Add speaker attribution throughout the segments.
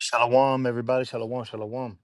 Speaker 1: Shalom, everybody. Shalom, shalom.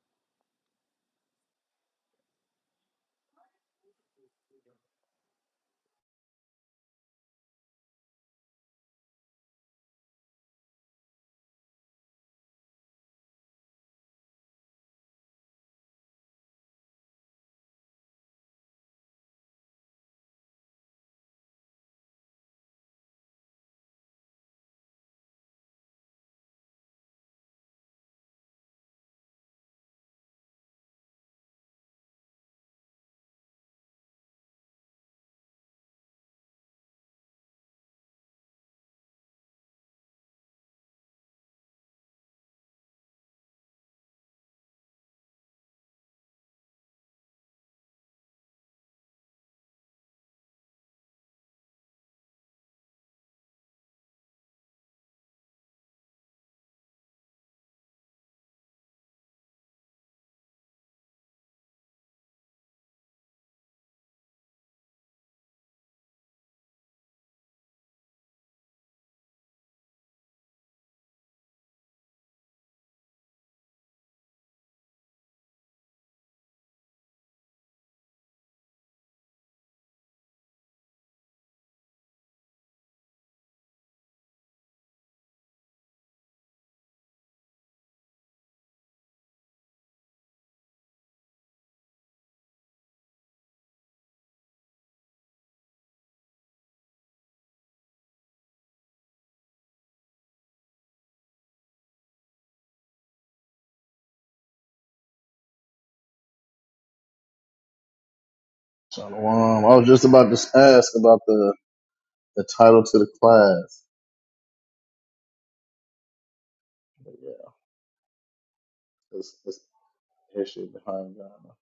Speaker 2: Shalom. I was just about to ask about the, the title to the class. But yeah, it's, it's history behind Ghana.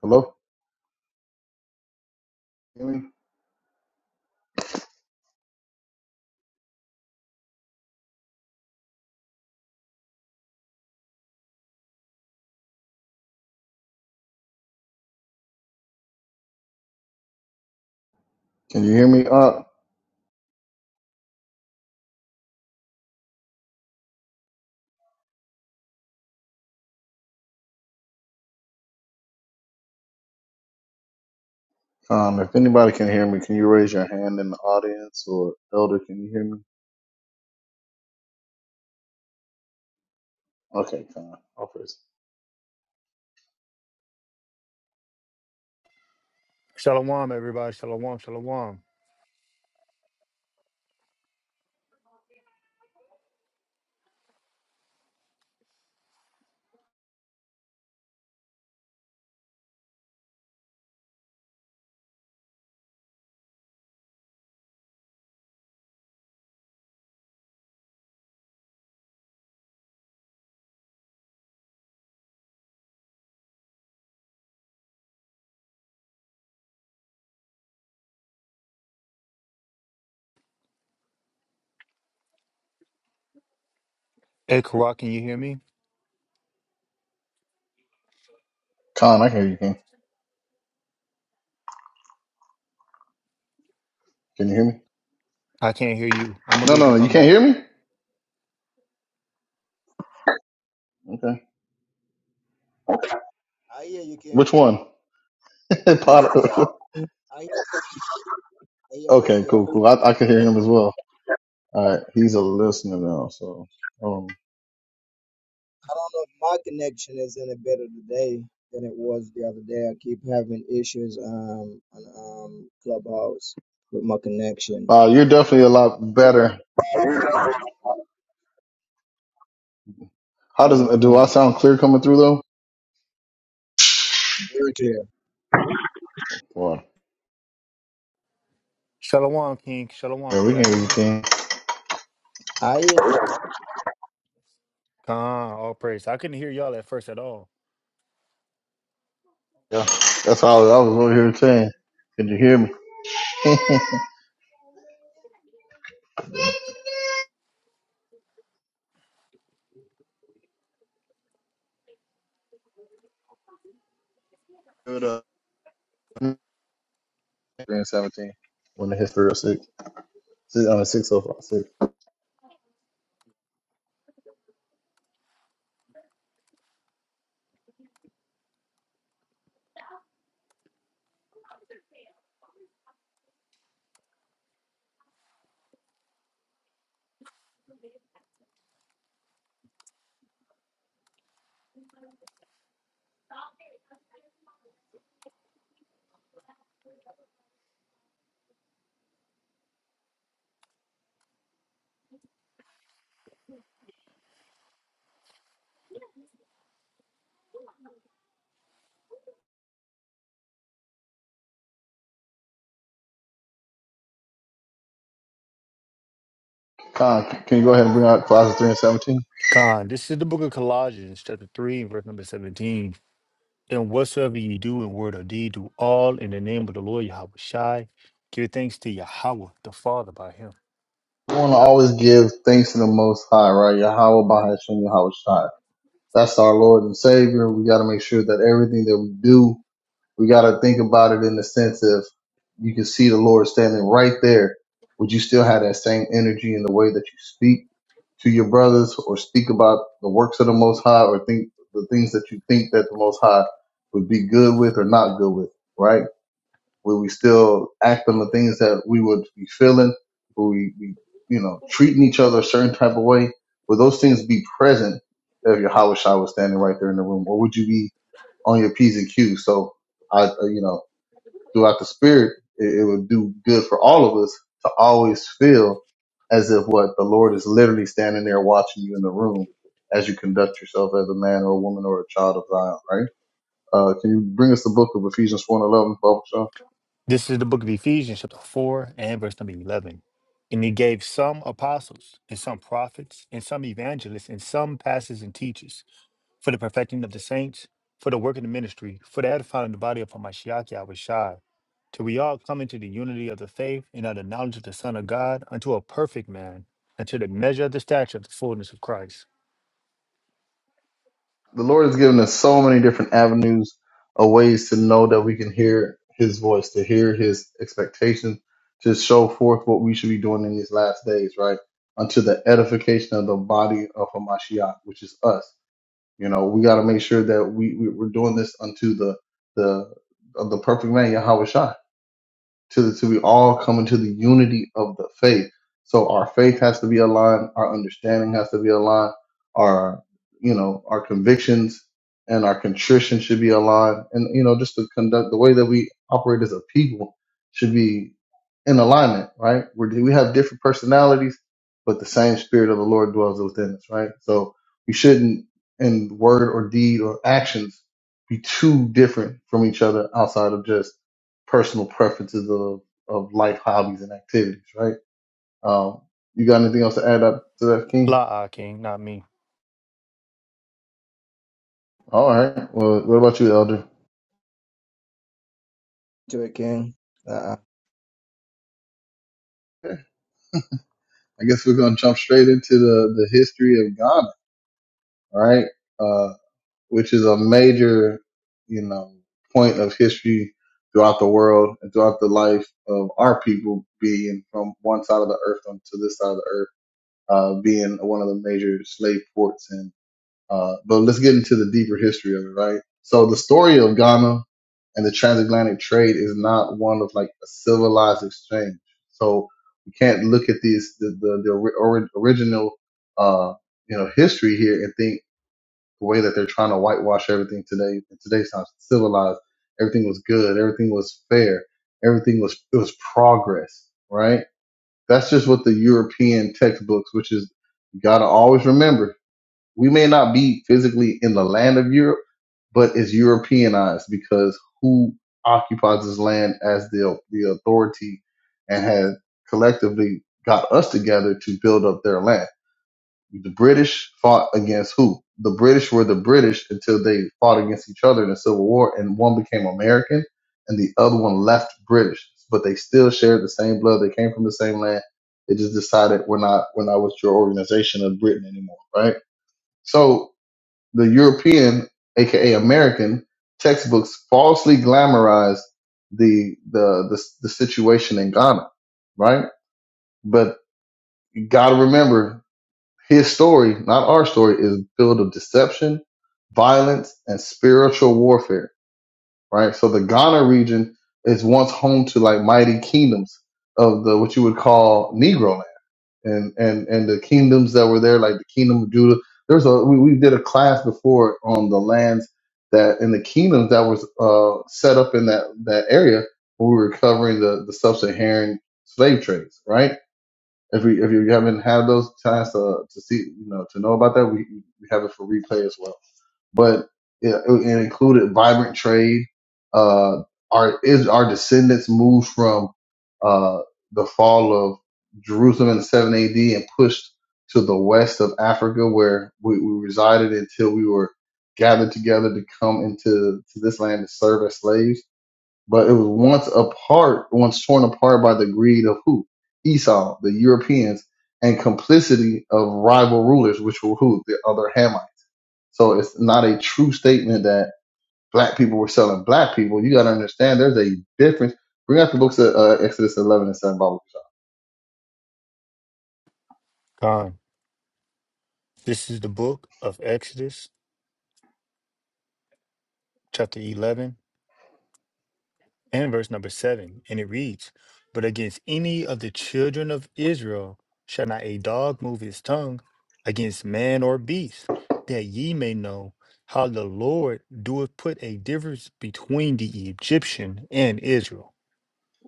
Speaker 2: Hello? Hear me? Can you hear me? Uh, um, if anybody can hear me, can you raise your hand in the audience or Elder, can you hear me? Okay, Con. I'll praise.
Speaker 1: Shalom, everybody. Shalom, shalom. Hey, Karak, can you hear me?
Speaker 2: Con, I can hear you. Can, can you hear me?
Speaker 1: I can't hear you. I'm going to
Speaker 2: No,
Speaker 1: leave
Speaker 2: no, no,
Speaker 1: and
Speaker 2: you
Speaker 1: come
Speaker 2: can't
Speaker 1: back.
Speaker 2: hear me? Okay.
Speaker 3: I hear you, King.
Speaker 2: Which one? Potter.
Speaker 3: I hear, I hear both of
Speaker 2: okay,
Speaker 3: y'all. I
Speaker 2: cool,
Speaker 3: don't
Speaker 2: cool. I, I can hear him as well. All right, he's a listener now, so. Um,
Speaker 3: know if my connection is any better today than it was the other day. I keep having issues um on um Clubhouse with my connection.
Speaker 2: uh, you're definitely a lot better How
Speaker 3: Okay,
Speaker 2: does do I
Speaker 3: Khan.
Speaker 2: sound clear coming through though?
Speaker 3: Very clear.
Speaker 2: Well,
Speaker 1: Shalom, King. Shalom,
Speaker 2: yeah,
Speaker 1: can
Speaker 2: we can
Speaker 1: y'all
Speaker 2: hear
Speaker 1: hear
Speaker 2: you,
Speaker 1: me?
Speaker 2: King.
Speaker 3: I hear you
Speaker 1: Khan, all praise. I couldn't hear y'all at first at all.
Speaker 2: Yeah, that's how I was I was over here saying. Could you hear me? Give it up. Three and seventeen. When the history of six. Six on the six oh five six. Con, can you go ahead and bring out Colossians three and seventeen?
Speaker 1: Khan, this is the book of Colossians, chapter 3, verse number 17. And whatsoever ye do in word or deed, do all in the name of the Lord Yahweh Shai. Give thanks to Yahweh, the Father, by him.
Speaker 2: We want to always give thanks to the Most High, right? Yahweh Bahashem Yahweh Shai. That's our Lord and Savior. We got to make sure that everything that we do We got to think about it in the sense of you can see the Lord standing right there. Would you still have that same energy in the way that you speak to your brothers or speak about the works of the Most High or think the things that you think that the Most High would be good with or not good with, right? Will we still act on the things that we would be feeling? Will we be, you know, treating each other a certain type of way? Will those things be present if your Hawashai was standing right there in the room? Or would you be on your P's and Q's? So I, uh, you know, throughout the spirit, it, it would do good for all of us to always feel as if what the Lord is literally standing there watching you in the room as you conduct yourself as a man or a woman or a child of Zion, right? Uh, can you bring us the book of Ephesians one eleven, 11,
Speaker 1: This is the book of Ephesians, chapter 4 and verse number 11. And he gave some apostles, and some prophets, and some evangelists, and some pastors and teachers for the perfecting of the saints, for the work of the ministry, for the edifying of the body of Hamashiach Yahushai, till we all come into the unity of the faith and of the knowledge of the Son of God, unto a perfect man, unto the measure of the stature of the fullness of Christ.
Speaker 2: The Lord has given us so many different avenues of ways to know that we can hear His voice, to hear His expectations, to show forth what we should be doing in these last days, right? Unto the edification of the body of Hamashiach, which is us. You know, we got to make sure that we, we we're doing this unto the the of the perfect man Yahweh Shai to the, to we all come into the unity of the faith. So our faith has to be aligned, our understanding has to be aligned, our you know our convictions and our contrition should be aligned, and you know just the conduct the way that we operate as a people should be in alignment, right? We're, we have different personalities, but the same spirit of the Lord dwells within us, right? So we shouldn't in word or deed or actions be too different from each other outside of just personal preferences of, of life hobbies and activities, right? Um, you got anything else to add up to that, King?
Speaker 1: Blah, ah, King, not me.
Speaker 2: All right. Well, what about you, Elder?
Speaker 3: to it, King. Uh,
Speaker 2: Okay. I guess we're going to jump straight into the, the history of Ghana, all right? Uh, which is a major, you know, point of history throughout the world and throughout the life of our people being from one side of the earth onto this side of the earth, uh, being one of the major slave ports and Uh, but let's get into the deeper history of it, right? So the story of Ghana and the transatlantic trade is not one of like a civilized exchange. So we can't look at these the the, the ori- original uh, you know history here and think the way that they're trying to whitewash everything today in today's times civilized. Everything was good. Everything was fair. Everything was it was progress, right? That's just what the European textbooks, which is you gotta always remember we may not be physically in the land of Europe, but it's Europeanized because who occupies this land as the the authority and has collectively got us together to build up their land. The British fought against who? The British were the British until they fought against each other in the Civil War, and one became American and the other one left British, but they still shared the same blood. They came from the same land. They just decided we're not we're not with your organization of Britain anymore, right? So the European, aka American, textbooks falsely glamorized the the the, the situation in Ghana, right? But you got to remember, his story, not our story, is filled of deception, violence, and spiritual warfare, right? So the Ghana region is once home to like mighty kingdoms of the what you would call Negro land and and and the kingdoms that were there, like the kingdom of Judah. There's a we, we did a class before on the lands that and the kingdoms that was uh, set up in that that area when we were covering the the sub-Saharan slave trades, right? If we if you haven't had those chance to to see you know to know about that, we we have it for replay as well but it, it included vibrant trade. Uh, our is our descendants moved from uh, the fall of Jerusalem in 7 AD and pushed to the west of Africa, where we, we resided until we were gathered together to come into to this land to serve as slaves. But it was once apart, once torn apart by the greed of who? Esau, the Europeans, and complicity of rival rulers, which were who? The other Hamites. So it's not a true statement that black people were selling black people. You got to understand there's a difference. Bring out the books of uh, Exodus 11 and 7. Bible.
Speaker 1: Gone. This is the book of Exodus, chapter 11 and verse number seven, and it reads, But against any of the children of Israel shall not a dog move his tongue against man or beast, that ye may know how the Lord doeth put a difference between the Egyptian and Israel.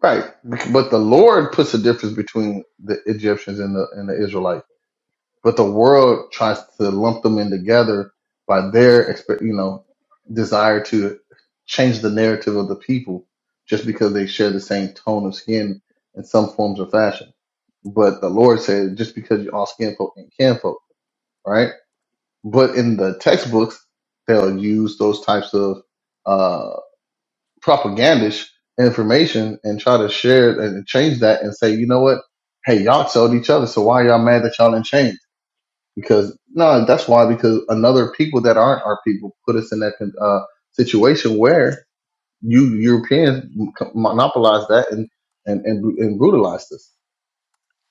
Speaker 2: Right. But the Lord puts a difference between the Egyptians and the, and the Israelites. But the world tries to lump them in together by their, expe- you know, desire to change the narrative of the people just because they share the same tone of skin in some forms or fashion. But the Lord said, just because you're all skin folk and can folk, right? But in the textbooks, they'll use those types of uh, propagandish information and try to share it and change that and say, you know what? Hey, y'all told each other, so why y'all mad that y'all didn't change? Because no, that's why. Because another people that aren't our people put us in that uh, situation where you Europeans monopolized that and and and, and brutalized us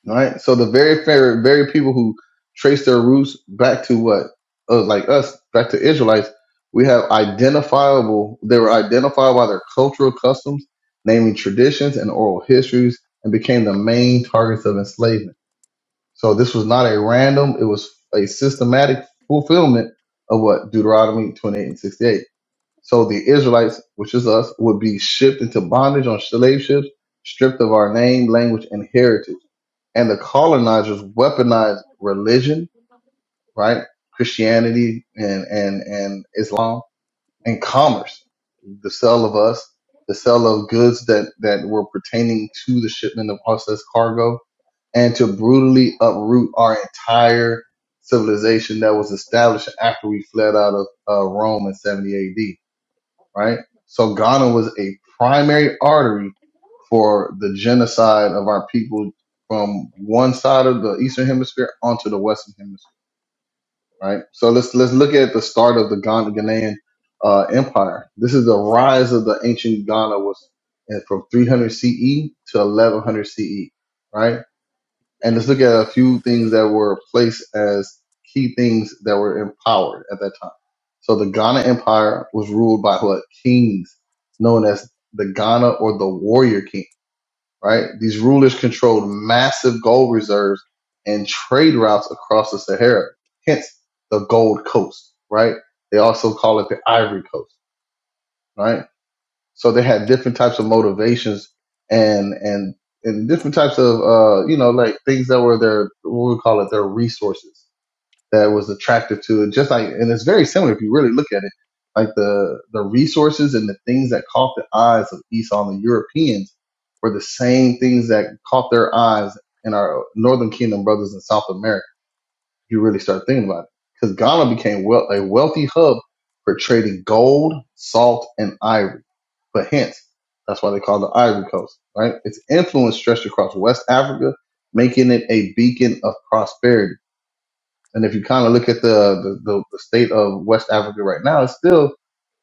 Speaker 2: right? So the very very very people who trace their roots back to what, uh, like us, back to Israelites, we have identifiable. They were identified by their cultural customs, namely traditions and oral histories, and became the main targets of enslavement. So this was not a random; it was a systematic fulfillment of what Deuteronomy twenty-eight and sixty-eight. So the Israelites, which is us, would be shipped into bondage on slave ships, stripped of our name, language, and heritage and the colonizers weaponized religion, right? Christianity and, and, and Islam and commerce, the sale of us, the sale of goods that, that were pertaining to the shipment of us as cargo and to brutally uproot our entire civilization that was established after we fled out of uh, Rome in 70 AD, right? So Ghana was a primary artery for the genocide of our people from one side of the eastern hemisphere onto the western hemisphere right so let's let's look at the start of the Ghana, ghanaian uh, empire this is the rise of the ancient ghana was uh, from 300 ce to 1100 ce right and let's look at a few things that were placed as key things that were empowered at that time so the ghana empire was ruled by what kings known as the ghana or the warrior king right? These rulers controlled massive gold reserves and trade routes across the Sahara, hence the Gold Coast, right? They also call it the Ivory Coast, right? So they had different types of motivations and and and different types of uh you know like things that were their what we call it their resources that was attractive to it. Just like, and it's very similar if you really look at it, like the the resources and the things that caught the eyes of Esau and the Europeans were the same things that caught their eyes in our Northern Kingdom brothers in South America. If you really start thinking about it, because Ghana became wealth, a wealthy hub for trading gold, salt, and ivory. But hence, that's why they call it the Ivory Coast, right? Its influence stretched across West Africa, making it a beacon of prosperity and if you kind of look at the, the, the, state of West Africa right now, it's still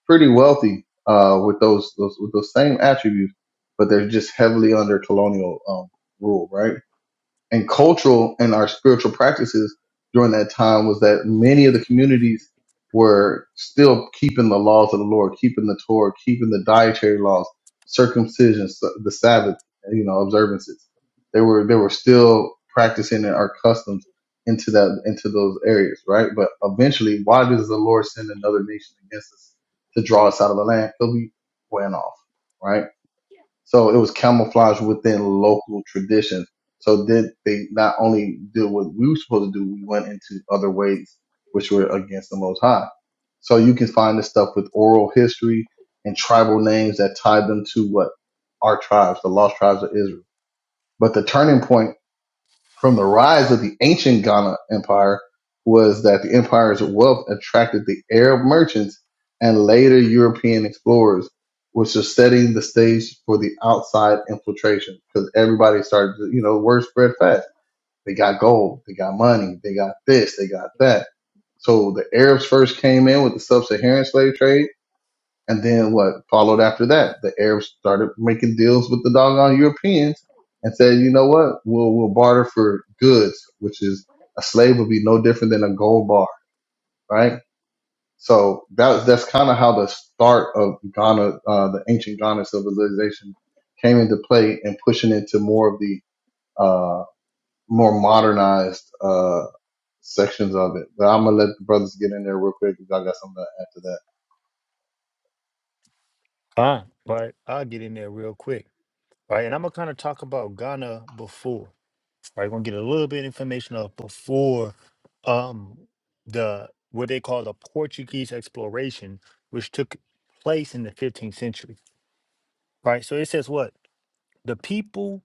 Speaker 2: pretty wealthy uh, with those, those with those same attributes, but they're just heavily under colonial um, rule, right? and cultural and our spiritual practices during that time was that many of the communities were still keeping the laws of the Lord, keeping the Torah, keeping the dietary laws, circumcision, s- the Sabbath, you know, observances. They were they were still practicing our customs into that into those areas, right? But eventually, why does the Lord send another nation against us to draw us out of the land? Because we went off, right? So it was camouflaged within local traditions. So did they not only did what we were supposed to do, we went into other ways which were against the Most High. So you can find this stuff with oral history and tribal names that tie them to what our tribes, the lost tribes of Israel. But the turning point from the rise of the ancient Ghana Empire was that the empire's wealth attracted the Arab merchants and later European explorers, which was setting the stage for the outside infiltration because everybody started, to, you know, word spread fast. They got gold, they got money, they got this, they got that. So the Arabs first came in with the sub-Saharan slave trade and then what followed after that? The Arabs started making deals with the doggone Europeans and said, you know what? We'll, we'll barter for goods, which is a slave would be no different than a gold bar, right? So that's, that's kind of how the start of Ghana, uh, the ancient Ghana civilization came into play and pushing into more of the, uh, more modernized, uh, sections of it. But I'm going to let the brothers get in there real quick because I got something to add to that.
Speaker 1: Fine. Right. I'll get in there real quick. Right. And I'm gonna kind of talk about Ghana before. Right, we're gonna get a little bit of information of before um the what they call the Portuguese exploration, which took place in the 15th century. Right. So it says what? The people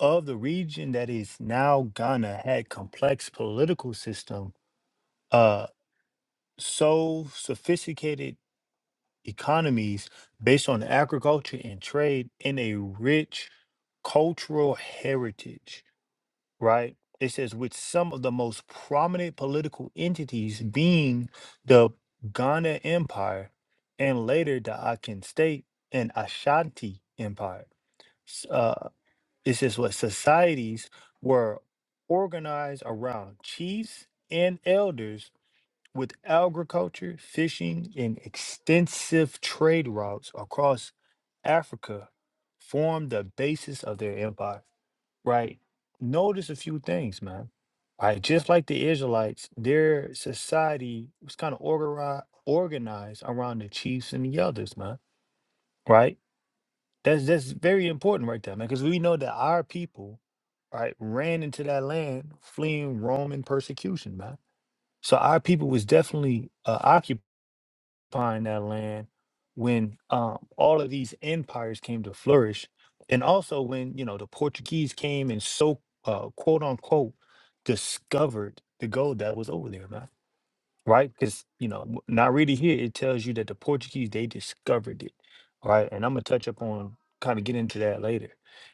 Speaker 1: of the region that is now Ghana had complex political system, uh so sophisticated economies based on agriculture and trade and a rich cultural heritage right? It says, with some of the most prominent political entities being the Ghana Empire and later the Akan State and Ashanti Empire. S- Uh, it says, what societies were organized around chiefs and elders with agriculture, fishing, and extensive trade routes across Africa formed the basis of their empire right? Notice a few things, man. Right, just like the Israelites, their society was kind of organized organized around the chiefs and the elders, man. Right? That's that's very important right there, man, because we know that our people, right, ran into that land fleeing Roman persecution, man. So our people was definitely uh, occupied occupying that land when um, all of these empires came to flourish and also when you know the portuguese came and so uh, quote unquote discovered the gold that was over there man right because you know w- not really here it tells you that the portuguese they discovered it right and i'm gonna touch up on kind of get into that later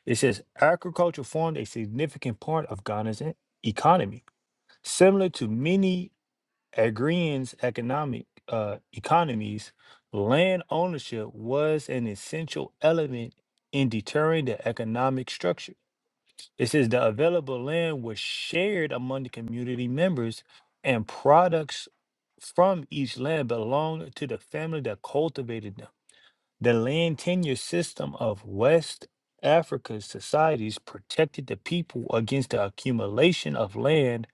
Speaker 1: it says agriculture formed a significant part of ghana's e- economy similar to many Agrarian's economic uh, economies, land ownership was an essential element in deterring the economic structure. It says the available land was shared among the community members, and products from each land belonged to the family that cultivated them. The land tenure system of West Africa's societies protected the people against the accumulation of land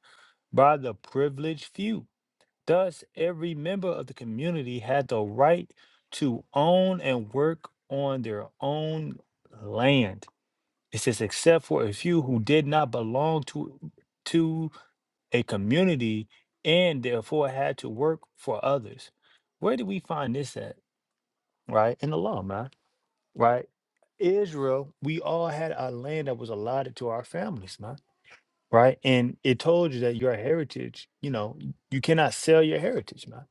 Speaker 1: by the privileged few Thus, every member of the community had the right to own and work on their own land. It says, except for a few who did not belong to, to a community and therefore had to work for others. Where do we find this at? Right? In the law, man. Right? Israel, we all had our land that was allotted to our families, man. Right? And it told you that your heritage, you know, you cannot sell your heritage, man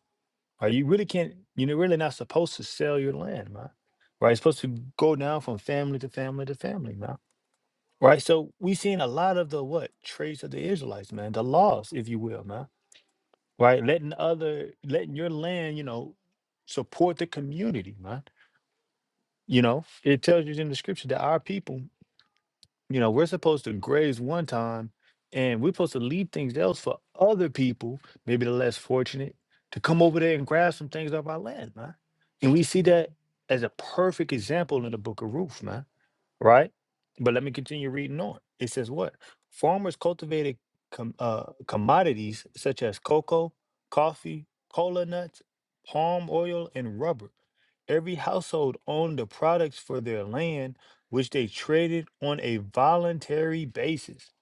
Speaker 1: Right? You really can't, you are really not supposed to sell your land, man. Right? It's supposed to go down from family to family to family, man. Right? So we seen a lot of the what traits of the Israelites, man, the laws, if you will, man. Right? Letting other letting your land, you know, support the community, man. You know, it tells you in the scripture that our people You know, we're supposed to graze one time and we're supposed to leave things else for other people, maybe the less fortunate, to come over there and grab some things off our land, man. And we see that as a perfect example in the book of Ruth, man right? But let me continue reading on. It says what? Farmers cultivated com- uh, commodities such as cocoa, coffee, cola nuts, palm oil, and rubber. Every household owned the products for their land, which they traded on a voluntary basis.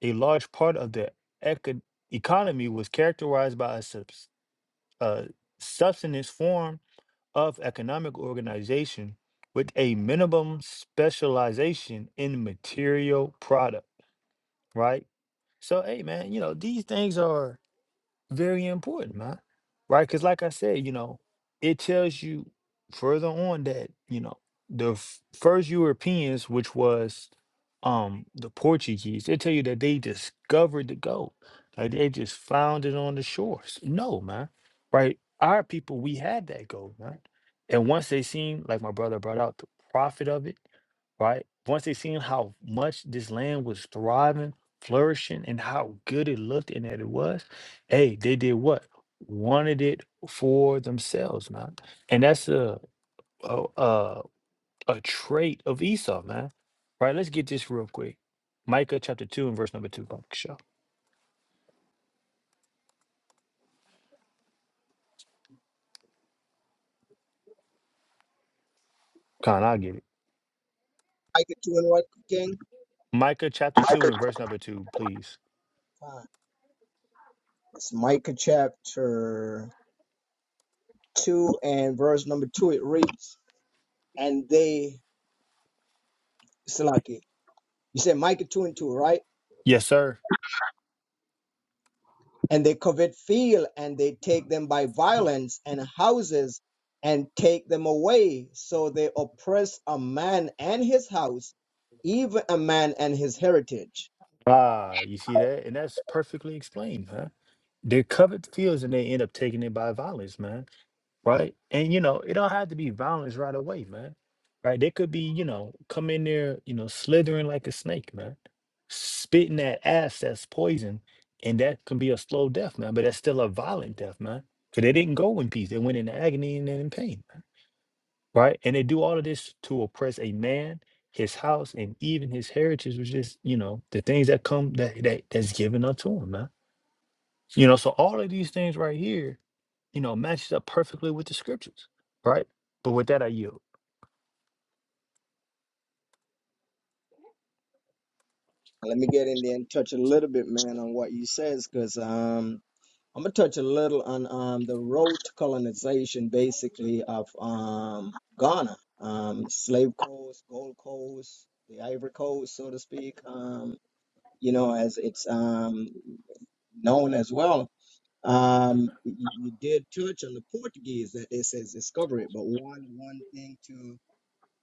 Speaker 1: A large part of the eco- economy was characterized by a subs- uh, subsistence form of economic organization with a minimum specialization in material product, right? So, hey, man, you know, these things are very important, man. Right? Because, like I said, you know, it tells you further on that you know the f- first Europeans, which was um the Portuguese, they tell you that they discovered the gold, like they just found it on the shores. No, man. Right? Our people, we had that gold, man. And once they seen, like my brother brought out, the profit of it, right? Once they seen how much this land was thriving, flourishing, and how good it looked and that it was hey, they did what? Wanted it for themselves, man. And that's a a, a a trait of Esau, man. Right? Let's get this real quick. Micah chapter two and verse number two. Fuck, Sure. Con, I'll get it.
Speaker 3: Micah two and what, King?
Speaker 1: Micah chapter two and verse number two, please.
Speaker 3: Fine. It's Micah chapter two and verse number two. It reads, "And they, Salaki, you said Micah two and two, right?
Speaker 1: Yes, sir.
Speaker 3: and they covet field and they take them by violence and houses and take them away so they oppress a man and his house even a man and his heritage
Speaker 1: Ah, you see that? And that's perfectly explained, man. They covet fields and they end up taking it by violence, man. right? And you know, it don't have to be violence right away, man. Right? They could be, you know, come in there, you know, slithering like a snake, man, spitting that ass that's poison, and that can be a slow death, man. But that's still a violent death, man, because they didn't go in peace; they went in agony and in pain, man. right? And they do all of this to oppress a man, his house, and even his heritage, which is, you know, the things that come that that that's given unto him, man. You know, so all of these things right here you know, matches up perfectly with the scriptures, right? But with that, I yield.
Speaker 3: let me get in there and touch a little bit man on what you says because um i'm gonna touch a little on um the road to colonization basically of um ghana um slave coast gold coast the ivory coast so to speak um you know as it's um known as well Um, you, you did touch on the Portuguese that it says discover it, but one one thing to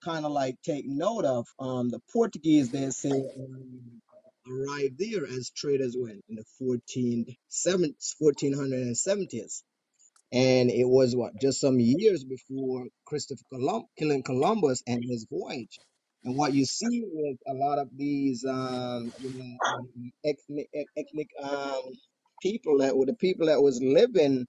Speaker 3: kind of like take note of, um, the Portuguese they say um, arrived there as traders when in the 14, 1470s. And it was what just some years before Christopher Colum- killing Columbus and his voyage. And what you see with a lot of these um, you know, um, ethnic, ethnic um, people that were the people that was living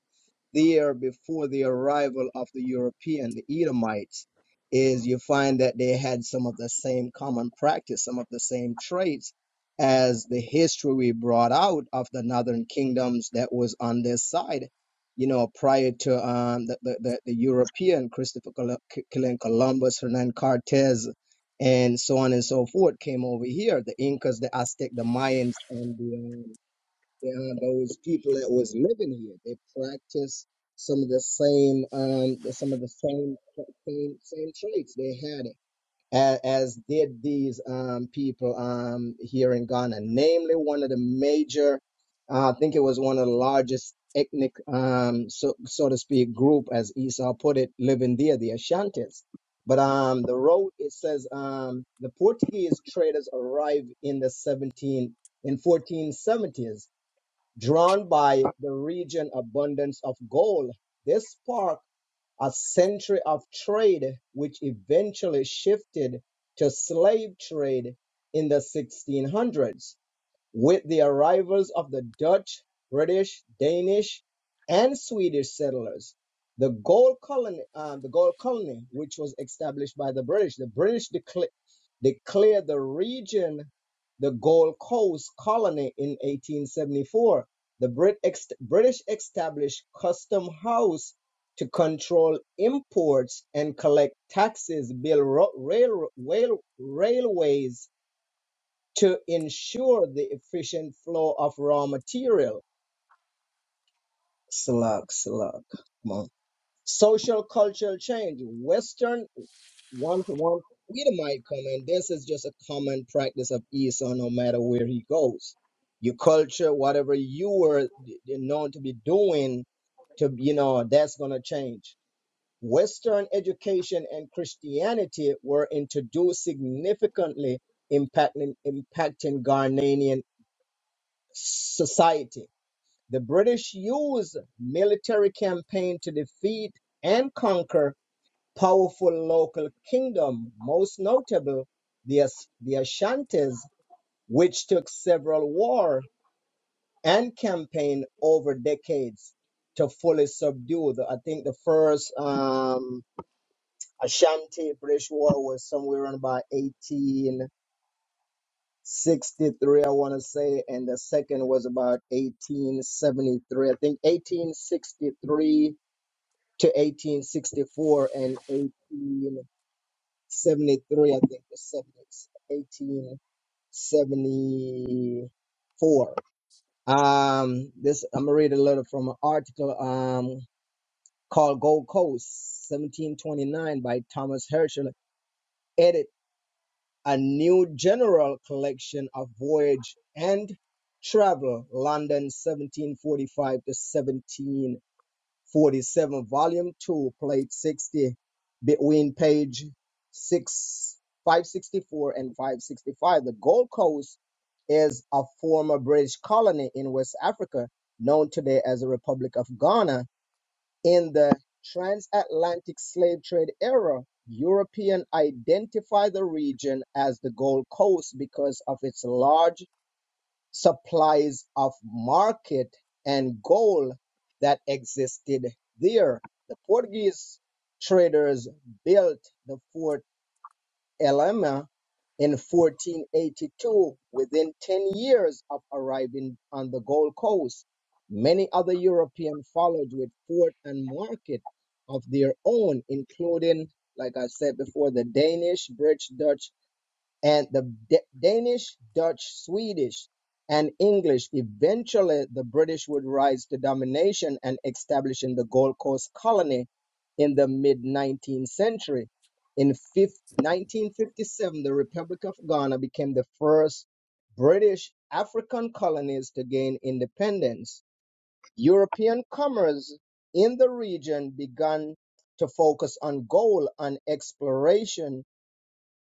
Speaker 3: there before the arrival of the European, the Edomites, is you find that they had some of the same common practice, some of the same traits as the history we brought out of the northern kingdoms that was on this side, you know, prior to um, the, the, the, the European, Christopher Col- Columbus, Hernan Cortez, and so on and so forth came over here, the Incas, the Aztec, the Mayans, and the um, behind those people that was living here. They practiced some of the same um some of the same same, same traits they had it. As, as did these um, people um, here in Ghana, namely one of the major, uh, I think it was one of the largest ethnic, um, so so to speak, group, as Esau put it, living there, the Ashantis. But um, the road it says um, the Portuguese traders arrived in the 17 in 1470s Drawn by the region abundance of gold, this sparked a century of trade which eventually shifted to slave trade in the 1600s. With the arrivals of the Dutch, British, Danish, and Swedish settlers, the gold colony, uh, the gold colony, which was established by the British, the British decla- declared the region the Gold Coast Colony in 1874. The Brit ex- British established Custom House to control imports and collect taxes, build ro- rail- rail- railways, to ensure the efficient flow of raw material. Slug, slug. Come on. Social cultural change. Western one to one Peter might come in. This is just a common practice of Esau no matter where he goes. Your culture, whatever you were known to be doing, to you know, that's gonna change. Western education and Christianity were introduced significantly impacting impacting Ghanaian society. The British used military campaign to defeat and conquer powerful local kingdom, most notable the, As- the Ashantis, which took several war and campaign over decades to fully subdue. The, I think the first um, Ashanti British war was somewhere around about 18. 63, I want to say, and the second was about 1873. I think 1863 to 1864 and 1873, I think the 70 1874. Um, this I'm gonna read a little from an article um called Gold Coast 1729 by Thomas Herschel, edit a new general collection of voyage and travel, London 1745 to 1747, volume 2, plate 60, between page 6, 564 and 565. The Gold Coast is a former British colony in West Africa, known today as the Republic of Ghana in the transatlantic slave trade era, Europeans identified the region as the Gold Coast because of its large supplies of market and gold that existed there. The Portuguese traders built the fort Elena in 1482. Within 10 years of arriving on the Gold Coast, many other Europeans followed with fort and market of their own, including, like I said before, the Danish, British, Dutch, and the D- Danish, Dutch, Swedish, and English. Eventually, the British would rise to domination and establish in the Gold Coast colony in the mid 19th century. In fif- 1957, the Republic of Ghana became the first British African colonies to gain independence. European commerce in the region began to focus on gold and exploration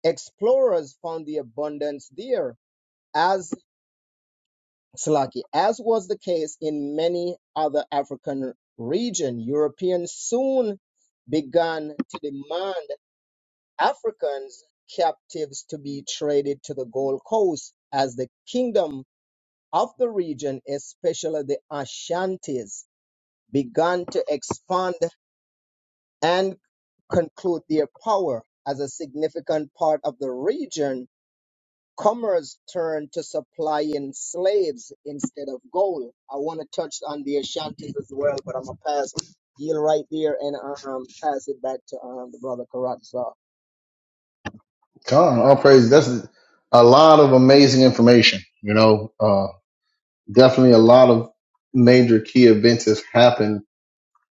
Speaker 3: Explorers found the abundance there, as Slaki, as was the case in many other African regions. Europeans soon began to demand Africans captives to be traded to the Gold Coast as the kingdom of the region, especially the Ashantis, began to expand and conclude their power as a significant part of the region Commerce turned to supplying slaves instead of gold. I want to touch on the Ashantis as well, but I'm gonna pass deal right there and um pass it back to um the brother Karatza.
Speaker 2: Come, on, all praise. That's a lot of amazing information. You know, uh, definitely a lot of major key events have happened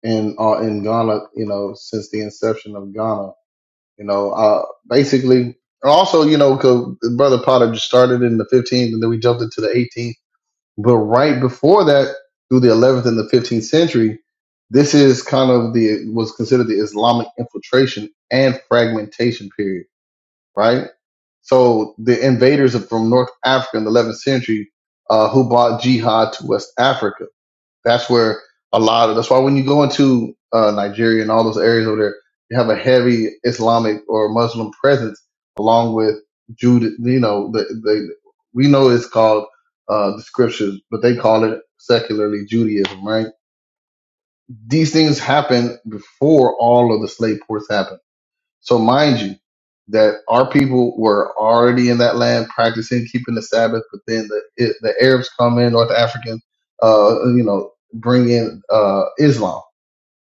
Speaker 2: in uh, in Ghana. You know, since the inception of Ghana. You know, uh, basically, and also you know, cause Brother Potter just started in the 15th, and then we jumped into the 18th. But right before that, through the 11th and the 15th century, this is kind of the was considered the Islamic infiltration and fragmentation period right? So the invaders of- from North Africa in the 11th century, uh, who brought jihad to West Africa. That's where a lot of, that's why when you go into, uh, Nigeria and all those areas over there, you have a heavy Islamic or Muslim presence along with Jude, you know, the, the, we know it's called, uh, the scriptures, but they call it secularly Judaism, right? These things happened before all of the slave ports happened so mind you, that our people were already in that land practicing keeping the Sabbath, but then the it, the Arabs come in, North Africans, uh, you know, bring in uh, Islam,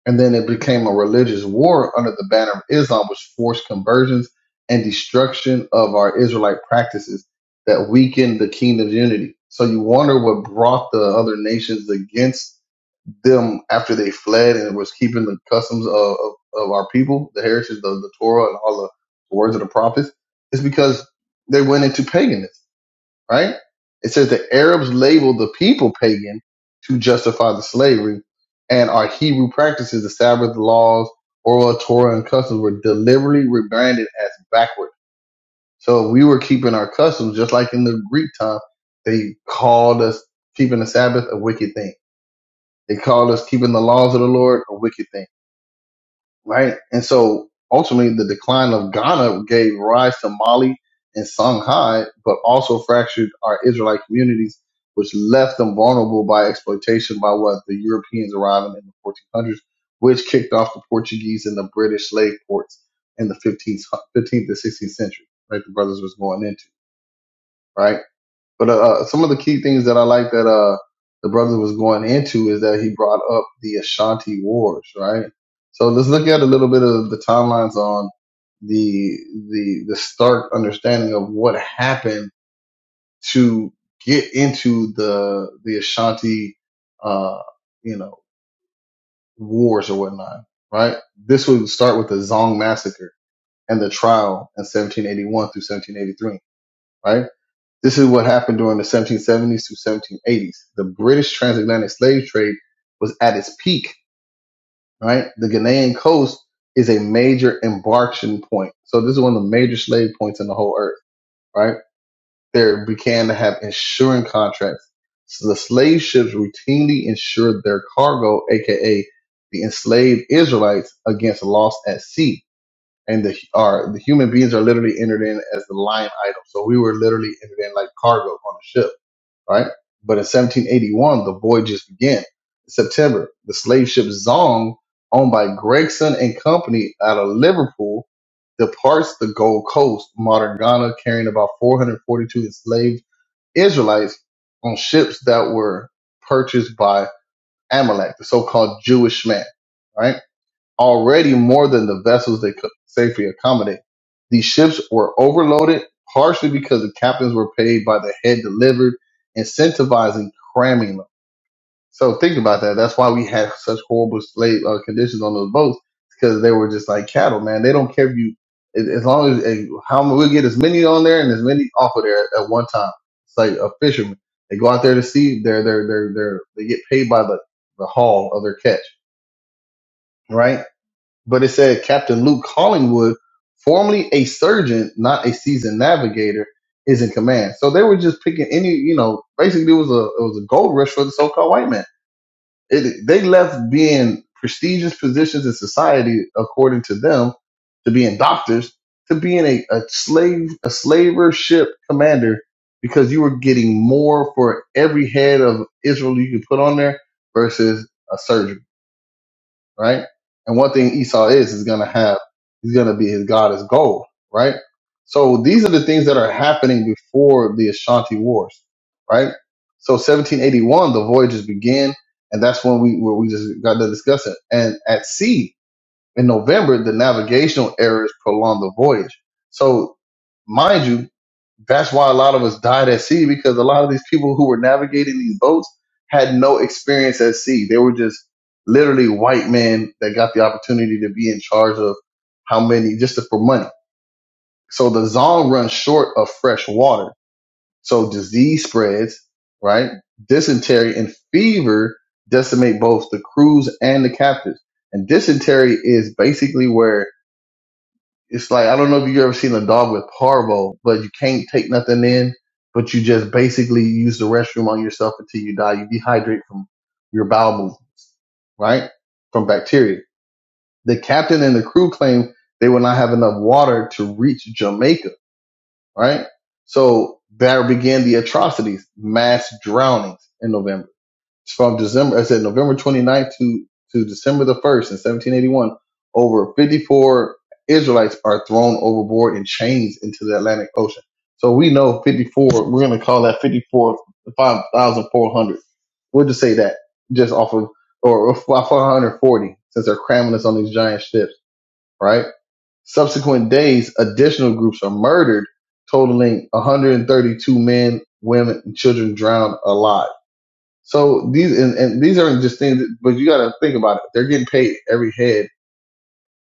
Speaker 2: and then it became a religious war under the banner of Islam, which forced conversions and destruction of our Israelite practices that weakened the kingdom's unity. So you wonder what brought the other nations against them after they fled and was keeping the customs of, of, of our people, the heritage, the, the Torah, and all the words of the prophets, is because they went into paganism, right? It says the Arabs labeled the people pagan to justify the slavery, and our Hebrew practices, the Sabbath laws, oral Torah, and customs were deliberately rebranded as backward. So we were keeping our customs just like in the Greek time. They called us keeping the Sabbath a wicked thing they called us keeping the laws of the Lord a wicked thing, right? And so ultimately, the decline of Ghana gave rise to Mali and Songhai, but also fractured our Israelite communities, which left them vulnerable by exploitation by what the Europeans arriving in the 1400s, which kicked off the Portuguese and the British slave ports in the 15th, 15th to 16th century, right? The brothers was going into, right? But uh, uh, some of the key things that I like that uh, the brother was going into is that he brought up the Ashanti Wars, right? So let's look at a little bit of the timelines on the the the stark understanding of what happened to get into the the Ashanti, uh, you know, wars or whatnot, right? This would start with the Zong massacre and the trial in 1781 through 1783, right? This is what happened during the 1770s through 1780s. The British transatlantic slave trade was at its peak, right? The Ghanaian coast is a major embarkation point. So this is one of the major slave points in the whole earth, right? There began to have insurance contracts. So the slave ships routinely insured their cargo, aka the enslaved Israelites, against loss at sea. And the are the human beings are literally entered in as the line item. So we were literally entered in like cargo on a ship right? But in 1781, the voyages began. In September, the slave ship Zong, owned by Gregson and Company out of Liverpool, departs the Gold Coast, modern Ghana, carrying about 442 enslaved Israelites on ships that were purchased by Amalek, the so-called Jewish man, right? already more than the vessels they could safely accommodate. These ships were overloaded partially because the captains were paid by the head delivered, incentivizing cramming them. So think about that. That's why we had such horrible slave uh, conditions on those boats because they were just like cattle, man. They don't care if you, as as long as eh, how we'll get as many on there and as many off of there at one time. It's like a fisherman. They go out there to sea. They're they're they're they're they get paid by the the haul of their catch, right? but it said Captain Luke Collingwood, formerly a surgeon, not a seasoned navigator, is in command. So they were just picking any, you know, basically it was a it was a gold rush for the so-called white man. It, they left being prestigious positions in society, according to them, to being doctors, to being a, a slave a slaver ship commander, because you were getting more for every head of Israel you could put on there versus a surgeon right? And one thing Esau is is gonna have, he's gonna be his god is gold, right? So these are the things that are happening before the Ashanti Wars, right? So 1781, the voyages begin, and that's when we where we just got to discuss it. And at sea, in November, the navigational errors prolonged the voyage. So, mind you, that's why a lot of us died at sea because a lot of these people who were navigating these boats had no experience at sea. They were just literally white men that got the opportunity to be in charge of how many just for money. So the Zong runs short of fresh water. So disease spreads, right? Dysentery and fever decimate both the crews and the captives. And dysentery is basically where it's like I don't know if you ever seen a dog with parvo, but you can't take nothing in, but you just basically use the restroom on yourself until you die. You dehydrate from your bowel movement, right? From bacteria. The captain and the crew claimed they will not have enough water to reach Jamaica, right? So there began the atrocities, mass drownings in November. It's from December, I said November 29th to, to December the 1st in 1781, over 54 Israelites are thrown overboard in chains into the Atlantic Ocean. So we know 54, we're going to call that 54, 5,400. We'll just say that just off of, or 540 since they're cramming us on these giant ships, right? Subsequent days, additional groups are murdered, totaling 132 men, women, and children drowned alive so these and, and these aren't just things, but you got to think about it. They're getting paid every head.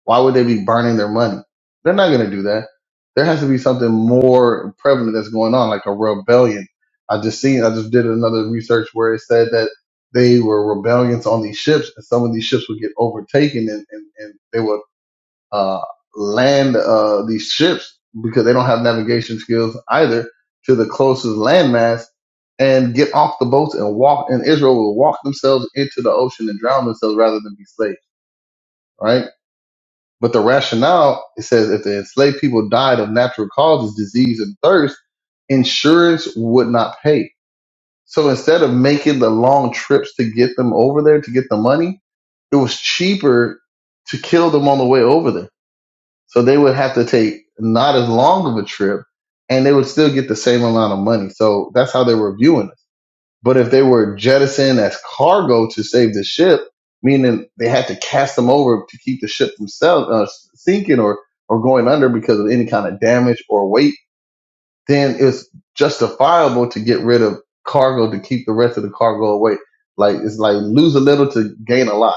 Speaker 2: Why would they be burning their money? They're not going to do that. There has to be something more prevalent that's going on, like a rebellion. I just seen, I just did another research where it said that they were rebellions on these ships, and some of these ships would get overtaken, and, and, and they would uh, land uh, these ships because they don't have navigation skills either to the closest landmass and get off the boats and walk. And Israel will walk themselves into the ocean and drown themselves rather than be slaves, right? But the rationale it says if the enslaved people died of natural causes, disease and thirst, insurance would not pay. So instead of making the long trips to get them over there to get the money, it was cheaper to kill them on the way over there so they would have to take not as long of a trip and they would still get the same amount of money. So that's how they were viewing us. But if they were jettisoned as cargo to save the ship, meaning they had to cast them over to keep the ship from uh, sinking or, or going under because of any kind of damage or weight, then it's justifiable to get rid of cargo to keep the rest of the cargo away. Like it's like lose a little to gain a lot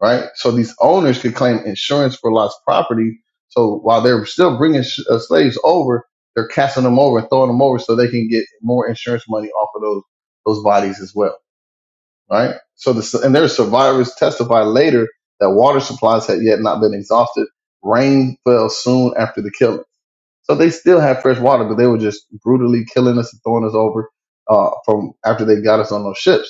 Speaker 2: right? So these owners could claim insurance for lost property. So while they're still bringing sh- uh, slaves over, they're casting them over and throwing them over so they can get more insurance money off of those those bodies as well, right? So the and their survivors testified later that water supplies had yet not been exhausted. Rain fell soon after the killing, so they still had fresh water, but they were just brutally killing us and throwing us over uh, from after they got us on those ships.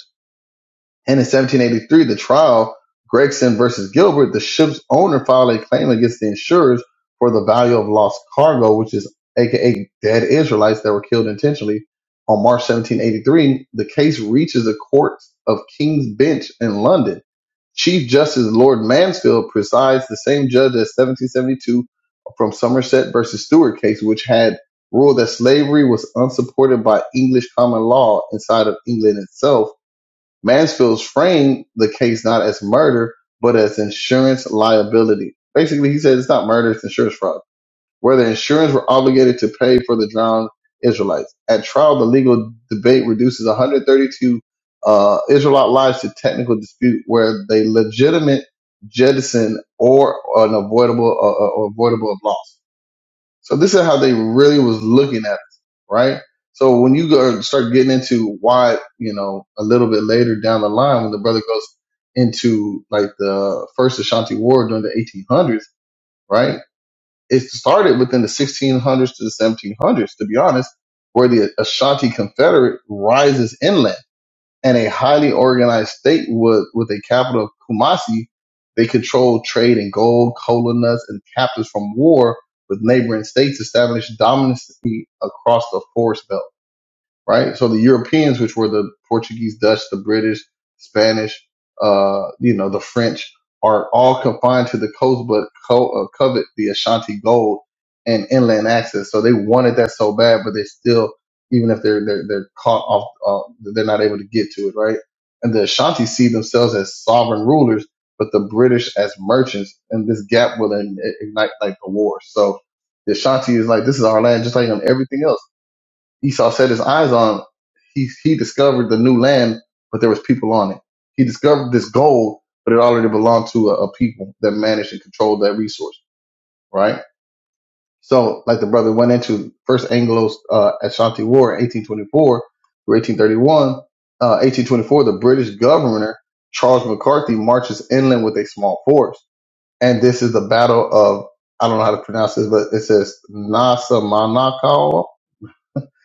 Speaker 2: And in 1783, the trial, Gregson versus Gilbert, the ship's owner filed a claim against the insurers for the value of lost cargo, which is aka dead Israelites that were killed intentionally. On March 1783, the case reaches the courts of King's Bench in London. Chief Justice Lord Mansfield presides the same judge as 1772 from Somerset versus Stewart case, which had ruled that slavery was unsupported by English common law inside of England itself Mansfield's framed the case not as murder, but as insurance liability. Basically, he said it's not murder, it's insurance fraud, where the insurance were obligated to pay for the drowned Israelites. At trial, the legal debate reduces 132 uh, Israelite lives to technical dispute where they legitimate jettison or an avoidable uh, uh, avoidable loss. So this is how they really was looking at us, right? So when you go start getting into why, you know, a little bit later down the line, when the brother goes into like the first Ashanti War during the 1800s, right? It started within the 1600s to the 1700s, to be honest, where the Ashanti Confederate rises inland and a highly organized state would, with a capital of Kumasi, they controlled trade in gold, cola nuts, and captives from war with neighboring states, established dominance across the forest belt right? So the Europeans, which were the Portuguese, Dutch, the British, Spanish, uh, you know, the French, are all confined to the coast, but co- uh, covet the Ashanti gold and inland access. So they wanted that so bad, but they still, even if they're they're, they're caught off, uh, they're not able to get to it, right? And the Ashanti see themselves as sovereign rulers, but the British as merchants, and this gap will in- ignite like a war. So the Ashanti is like, this is our land, just like on everything else Esau set his eyes on, he, he discovered the new land, but there was people on it. He discovered this gold, but it already belonged to a, a people that managed and controlled that resource, right? So, like the brother went into first Anglo uh, Ashanti War in 1824 through 1831, uh, 1824, the British governor Charles McCarthy marches inland with a small force, and this is the Battle of I don't know how to pronounce this, but it says Nasa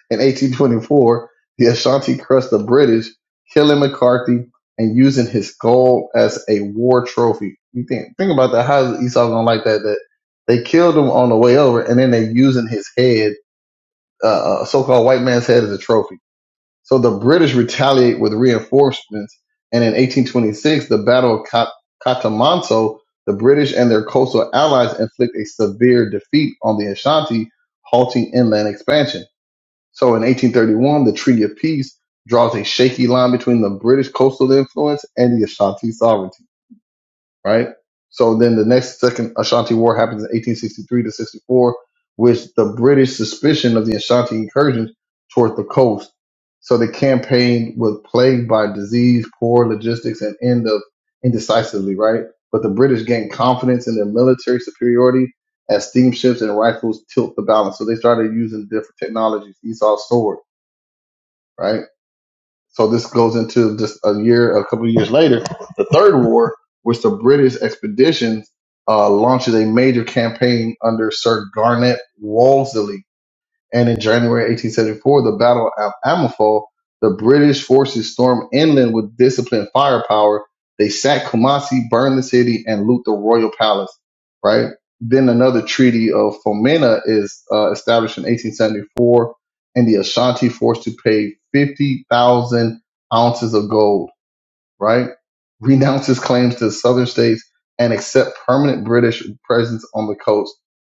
Speaker 2: in 1824, the Ashanti crushed the British, killing McCarthy and using his skull as a war trophy. You think think about that. How is Esau gonna like that? That they killed him on the way over, and then they using his head, uh, a so-called white man's head, as a trophy. So the British retaliate with reinforcements, and in 1826, the Battle of Cat- Catamanso, the British and their coastal allies inflict a severe defeat on the Ashanti, halting inland expansion. So in 1831, the Treaty of Peace draws a shaky line between the British coastal influence and the Ashanti sovereignty, right? So then the next second Ashanti War happens in 1863 to 64, with the British suspicion of the Ashanti incursions toward the coast. So the campaign was plagued by disease, poor logistics, and end of indecisively, right? But the British gained confidence in their military superiority as steamships and rifles tilt the balance. So they started using different technologies, Esau's sword right? So this goes into just a year, a couple of years later, the Third War, which the British expeditions uh, launches a major campaign under Sir Garnet Wolseley and in January 1874, the Battle of Amalfi, the British forces stormed inland with disciplined firepower. They sacked Kumasi, burned the city, and loot the royal palace. Right. Then another treaty of Fomena is uh, established in 1874, and the Ashanti forced to pay 50,000 ounces of gold right? Renounce his claims to the southern states and accept permanent British presence on the coast.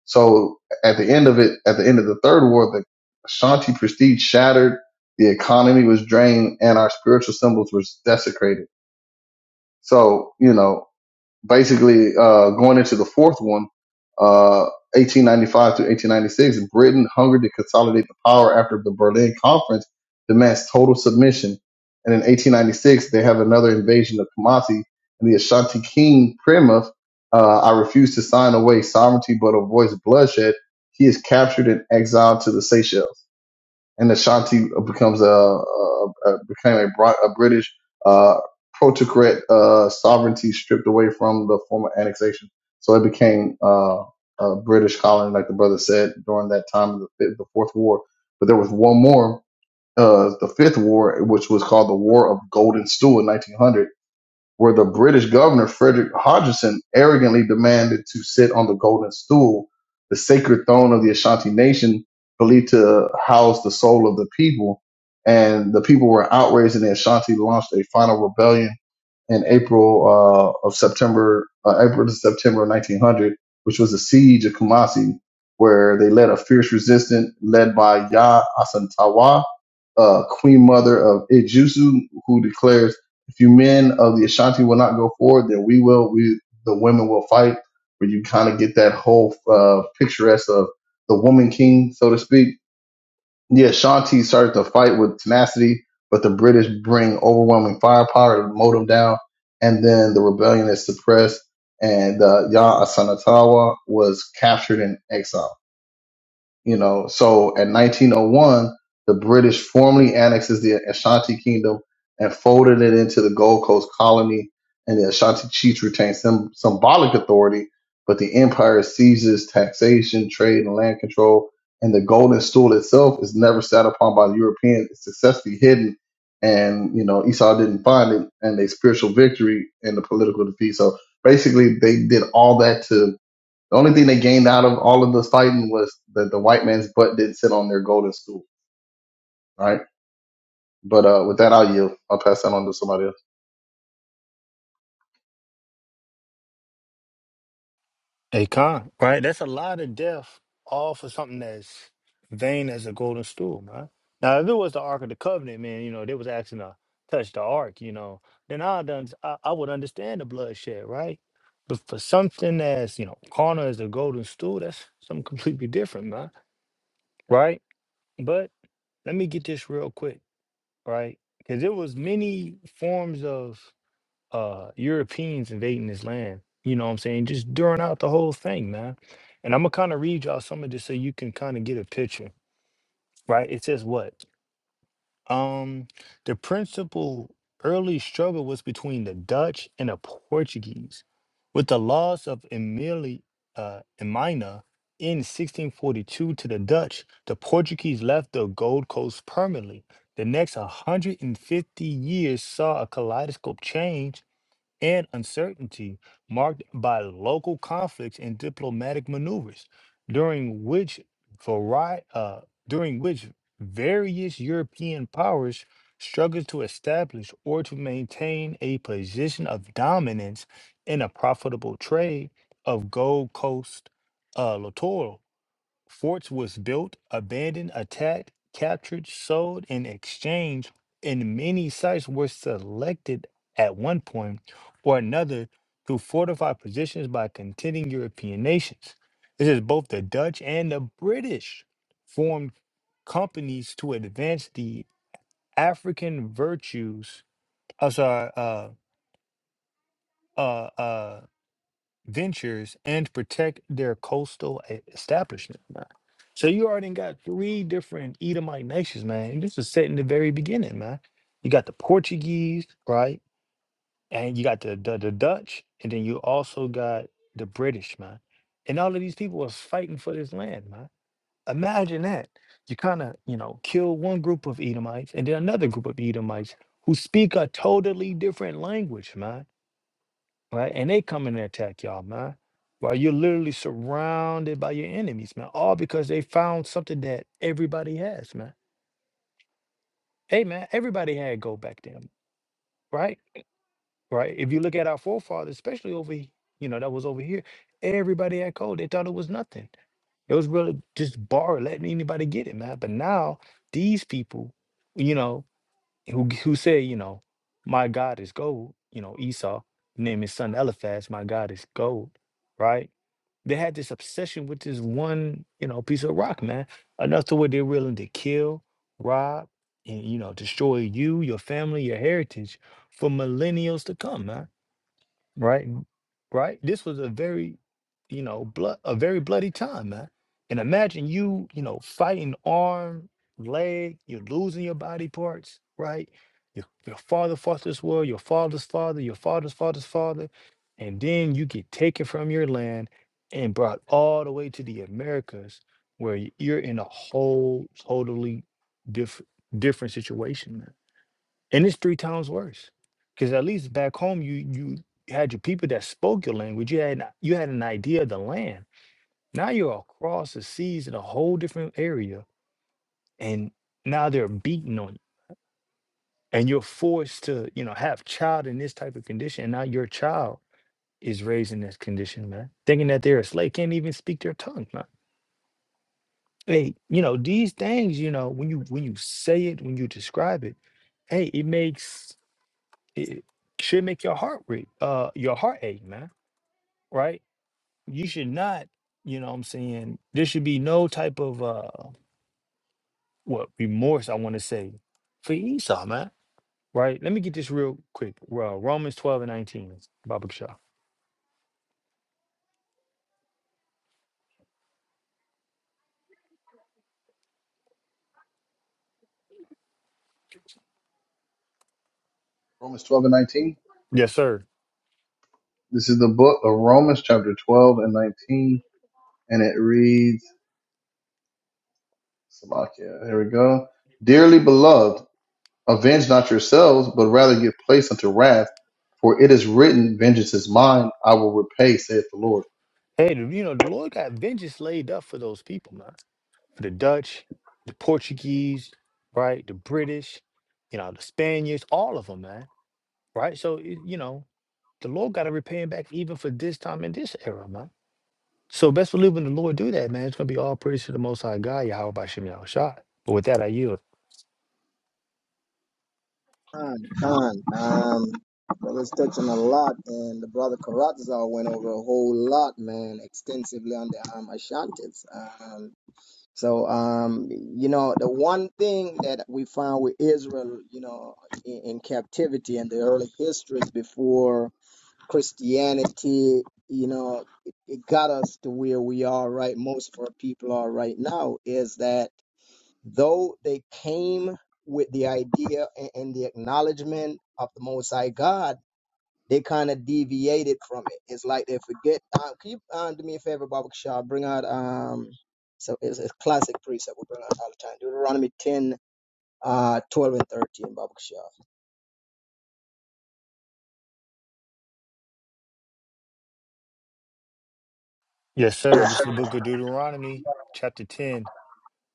Speaker 2: So at the end of it, at the end of the third war, the Ashanti prestige shattered, the economy was drained, and our spiritual symbols were desecrated. So, you know, basically uh, going into the fourth one, uh, 1895 to 1896, Britain hungered to consolidate the power after the Berlin Conference demands total submission. And in 1896, they have another invasion of Kumasi, and the Ashanti King Primuth. Uh, I refuse to sign away sovereignty, but avoids bloodshed. He is captured and exiled to the Seychelles and Ashanti becomes a, a, a became a, Bri- a British uh, protocrat uh, sovereignty stripped away from the former annexation. So it became uh, a British colony, like the brother said during that time of the, fifth, the Fourth War. But there was one more, uh, the Fifth War, which was called the War of Golden Stool in 1900 where the British governor, Frederick Hodgson, arrogantly demanded to sit on the golden stool, the sacred throne of the Ashanti nation, believed to house the soul of the people. And the people were outraged, and the Ashanti launched a final rebellion in April uh, of September, uh, April to September of 1900, which was the siege of Kumasi, where they led a fierce resistance led by Ya Asantawa, uh, queen mother of Ijusu, who declares, "If you men of the Ashanti will not go forward, then we will. We the women will fight." Where you kind of get that whole uh, picturesque of the woman king, so to speak yeah, Shanti started the fight with tenacity, but the British bring overwhelming firepower to mow them down, and then the rebellion is suppressed, and uh, Ya Asanatawa was captured and exiled. You know, so in 1901, the British formally annexes the Ashanti Kingdom and folded it into the Gold Coast colony, and the Ashanti chiefs retained some symbolic authority, but the empire seizes taxation, trade, and land control, and the golden stool itself is never sat upon by the Europeans. It's successfully hidden, and you know Esau didn't find it, and they spiritual victory and the political defeat. So basically, they did all that to the only thing they gained out of all of this fighting was that the white man's butt didn't sit on their golden stool, right? But uh, with that, I'll yield. I'll pass that on to somebody else.
Speaker 1: Hey, con, right? That's a lot of death, all for something that's vain as a golden stool, man. Now, if it was the Ark of the Covenant, man, you know, they was asking to touch the Ark, you know, then i done, I, I would understand the bloodshed, right? But for something that's, you know, carnal as a golden stool, that's something completely different, man, right? But let me get this real quick, right? Because there was many forms of uh Europeans invading this land. You know what I'm saying? Just during out the whole thing, man. And I'm gonna kind of read y'all some of this so you can kind of get a picture, right? It says what? Um, the principal early struggle was between the Dutch and the Portuguese. With the loss of Emili uh, Emina in 1642 to the Dutch, the Portuguese left the Gold Coast permanently. The next 150 years saw a kaleidoscope change and uncertainty marked by local conflicts and diplomatic maneuvers, during which vari- uh, during which various European powers struggled to establish or to maintain a position of dominance in a profitable trade of Gold Coast uh, Forts was built, abandoned, attacked, captured, sold, and exchanged, and many sites were selected at one point or another to fortify positions by contending European nations. This is both the Dutch and the British formed companies to advance the African virtues, I'm sorry, uh, uh, uh, ventures, and protect their coastal e- establishment. So you already got three different Edomite nations, man. And This was set in the very beginning, man. You got the Portuguese, right? And you got the, the, the Dutch, and then you also got the British, man. And all of these people was fighting for this land, man. Imagine that. You kind of, you know, kill one group of Edomites and then another group of Edomites who speak a totally different language, man right? And they come in and attack y'all, man. While you're literally surrounded by your enemies, man. All because they found something that everybody has, man. Hey, man, everybody had gold back then, right? Right. If you look at our forefathers, especially over, he- you know, that was over here, everybody had gold. They thought it was nothing. It was really just borrow, letting anybody get it, man. But now these people, you know. who who said, you know, my God is gold, you know, Esau, name his son Eliphaz, my God is gold, right? They had this obsession with this one, you know, piece of rock, man, enough to where they're willing to kill, rob, and you know, destroy you, your family, your heritage for millennials to come, man. Right? right? This was a very, you know, blood a very bloody time, man. And imagine you, you know, fighting arm, leg, you're losing your body parts, right? Your, your father fought this war, your father's father, your father's father's father, and then you get taken from your land and brought all the way to the Americas, where y- you're in a whole totally different different situation, man and it's three times worse. Because at least back home, you you had your people that spoke your language. You had an- you had an idea of the land. Now you're across the seas in a whole different area, and now they're beating on you, and you're forced to you know have child in this type of condition. And now your child is raised in this condition, man, thinking that they're a slave, can't even speak their tongue, man. Hey, you know these things. You know when you when you say it, when you describe it, hey, it makes it should make your heart rate uh your heart ache man right you should not you know what i'm saying there should be no type of uh what remorse i want to say for esau man right let me get this real quick uh, romans 12 and 19 baba Shah.
Speaker 2: Romans 12 and 19.
Speaker 1: yes sir
Speaker 2: This is the book of Romans, chapter 12 and 19, and it reads, Slovakia. Here we go. Dearly beloved, avenge not yourselves, but rather give place unto wrath, for it is written, Vengeance is mine, I will repay, saith the Lord.
Speaker 1: hey the- you know the lord got vengeance laid up for those people man for the dutch the portuguese right the british you know the spaniards all of them man right so it- you know The Lord got to repay him back even for this time and this era, man. So best believe when the Lord do that, man, it's gonna be all praise to the Most High God, Yahweh Bashim Yahushua. But with that, I yield.
Speaker 3: Khan, Khan, um, brother's touching a lot, and the brother Karatza went over a whole lot, man, extensively on the um Ashantis. Um, so um, you know, the one thing that we found with Israel, you know, in, in captivity and the early histories before Christianity, you know, it, it got us to where we are right. Most of our people are right now is that though they came with the idea and, and the acknowledgement of the Most High God, they kind of deviated from it. It's like they forget. Uh, can you uh, do me a favor, Baba Shaw? Bring out um, so it's a classic precept we bring out all the time. Deuteronomy ten, uh, twelve and thirteen, Baba Kishar.
Speaker 1: Yes, sir. This is the Book of Deuteronomy, chapter ten.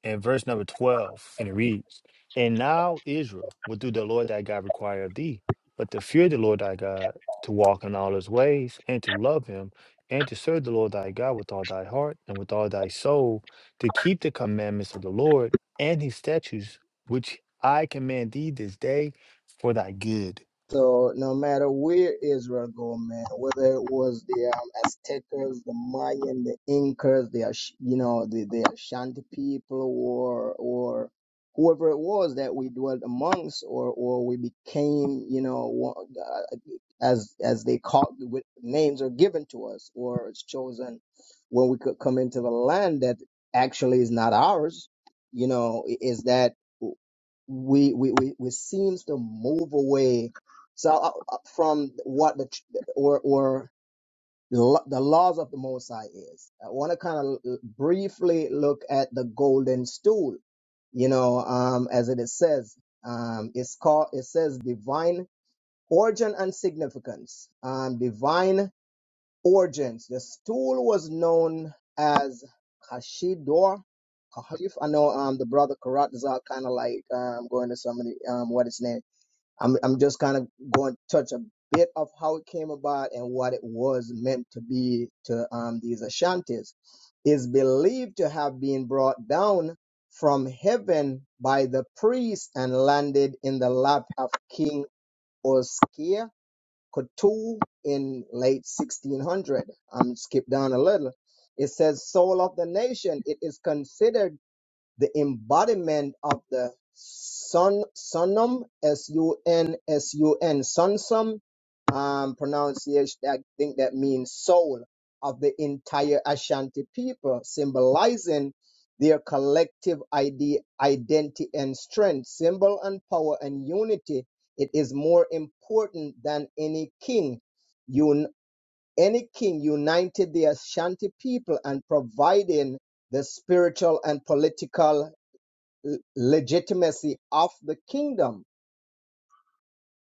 Speaker 1: and verse number 12, and it reads, And now Israel will do the Lord thy God require of thee, but to fear the Lord thy God, to walk in all his ways, and to love him, and to serve the Lord thy God with all thy heart and with all thy soul, to keep the commandments of the Lord and his statutes, which I command thee this day for thy good.
Speaker 3: So no matter where Israel go, man, whether it was the um, Aztecas, the Mayan, the Incas, the Ash- you know the the Ashanti people, or or whoever it was that we dwelt amongst, or or we became, you know, one- uh, as as they call with names are given to us, or it's chosen when we could come into the land that actually is not ours. You know, i- is that? we we we, we seems to move away so uh, uh, from what the tr- or or lo- the laws of the Most High is. I want to kind of briefly look at the golden stool. You know, um, as it is says, um, it's called. It says divine origin and significance. Um, divine origins. The stool was known as Kashidor. I know um the brother Karat is all kind of like um going to somebody um what its name. I'm I'm just kind of going to touch a bit of how it came about and what it was meant to be to um these Ashantis. Is believed to have been brought down from heaven by the priest and landed in the lap of King Oskia Cotoo in late 1600. Um, skip down a little. It says, "Soul of the nation, it is considered." the embodiment of the sun sunum s u n s u n sunsum um pronunciation i think that means soul of the entire ashanti people symbolizing their collective ide- identity and strength symbol and power and unity it is more important than any king un- any king united the ashanti people and providing the spiritual and political l- legitimacy of the kingdom.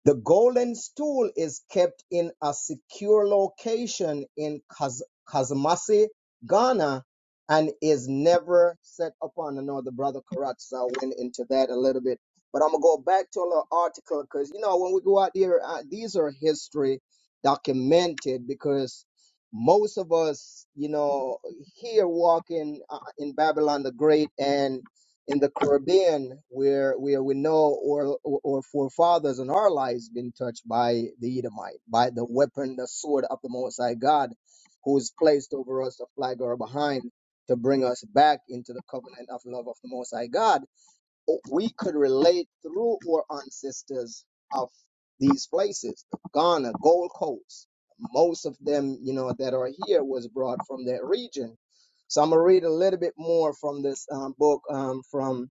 Speaker 3: The golden stool is kept in a secure location in Kas- Kasamasi, Ghana, and is never set upon. I know the brother Karatza went into that a little bit, but I'm gonna go back to the article because you know when we go out there, uh, these are history documented because most of us, you know, here walking uh, in Babylon the Great and in the Caribbean, where where we know or or forefathers in our lives been touched by the Edomite, by the weapon, the sword of the Most High God, who is placed over us, a flag or behind, to bring us back into the covenant of love of the Most High God we could relate through our ancestors of these places ghana gold coast most of them you know that are here was brought from that region so i'm gonna read a little bit more from this um, book um, from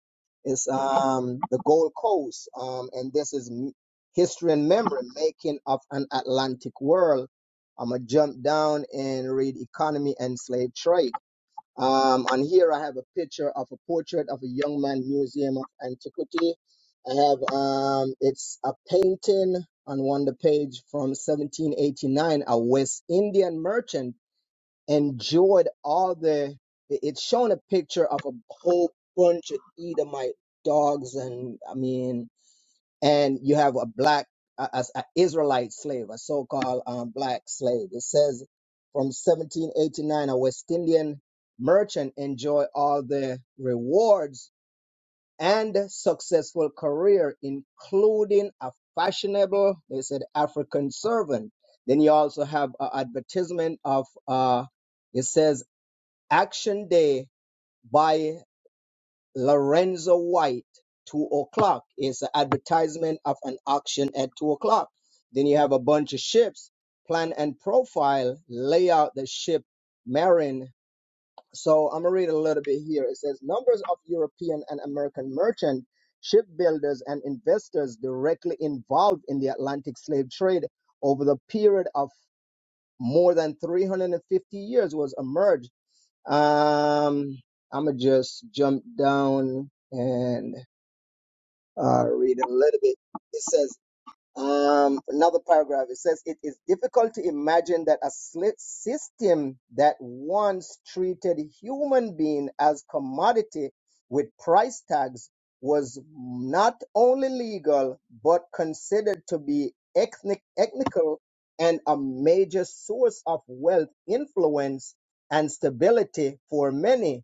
Speaker 3: it's um, the gold coast um, and this is M- history and memory making of an atlantic world i'm gonna jump down and read economy and slave trade um, on here, I have a picture of a portrait of a young man, Museum of Antiquity. I have um, it's a painting on one of the page from 1789. A West Indian merchant enjoyed all the. It's showing a picture of a whole bunch of Edomite dogs, and I mean, and you have a black a- as an Israelite slave, a so-called um, black slave. It says from 1789, a West Indian merchant enjoy all the rewards and successful career, including a fashionable, they said African servant. Then you also have an advertisement of, uh, it says Action Day by Lorenzo White, two o'clock. It's an advertisement of an auction at two o'clock. Then you have a bunch of ships, plan and profile, lay out the ship marine. So I'm gonna read a little bit here. It says numbers of European and American merchant, shipbuilders, and investors directly involved in the Atlantic slave trade over the period of more than 350 years was emerged um, I'm gonna just jump down and uh, read a little bit. It says. Um, another paragraph it says it is difficult to imagine that a sli- system that once treated human being as commodity with price tags was not only legal but considered to be ethnic, ethnical and a major source of wealth, influence, and stability for many.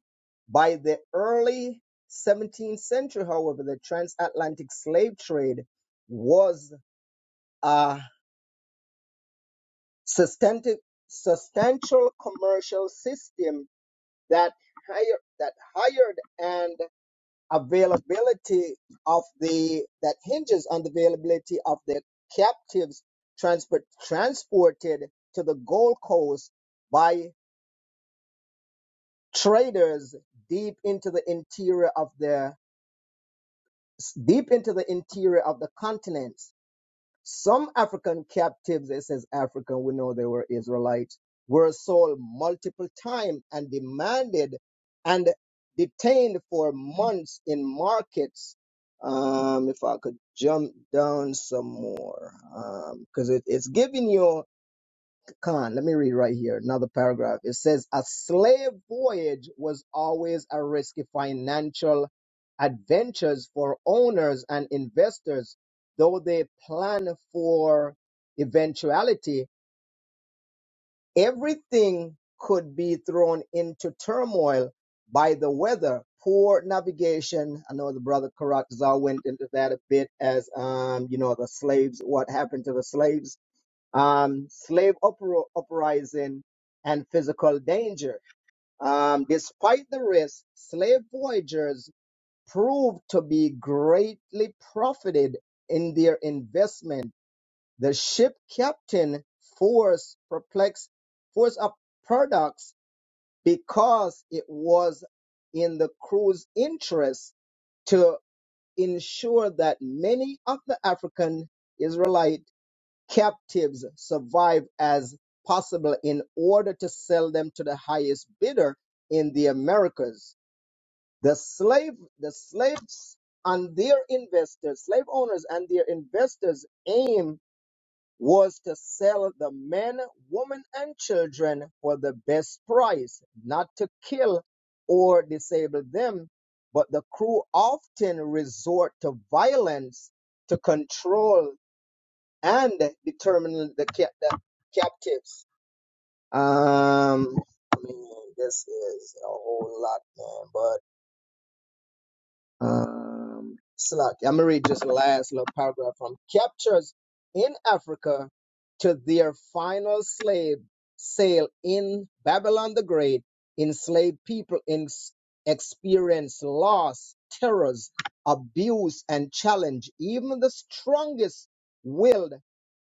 Speaker 3: By the early 17th century, however, the transatlantic slave trade was a substantive, substantial commercial system that higher that hired and availability of the that hinges on the availability of the captives transport transported to the Gold Coast by traders deep into the interior of the deep into the interior of the continent Some African captives, it says African, we know they were Israelites, were sold multiple times and demanded and detained for months in markets. Um, if I could jump down some more, because it, it's giving you. Con, let me read right here, another paragraph. It says, A slave voyage was always a risky financial adventures for owners and investors, though they plan for eventuality. Everything could be thrown into turmoil by the weather, poor navigation. I know the brother Karatza went into that a bit as, um, you know, the slaves, what happened to the slaves um, slave upro- uprising, and physical danger. Um, despite the risk, slave voyagers proved to be greatly profited in their investment. The ship captain forced perplexed force of products because it was in the crew's interest to ensure that many of the African Israelite captives survive as possible in order to sell them to the highest bidder in the Americas. The slave, the slaves and their investors, slave owners and their investors aim was to sell the men, women, and children for the best price, not to kill or disable them. But the crew often resort to violence to control and determine the, cap- the captives. Um, I mean, this is a whole lot, man, but um, it's a lot. I'm gonna read just the last little paragraph from captures in Africa to their final slave sale in Babylon the Great. Enslaved people in experience loss, terrors, abuse, and challenge. Even the strongest willed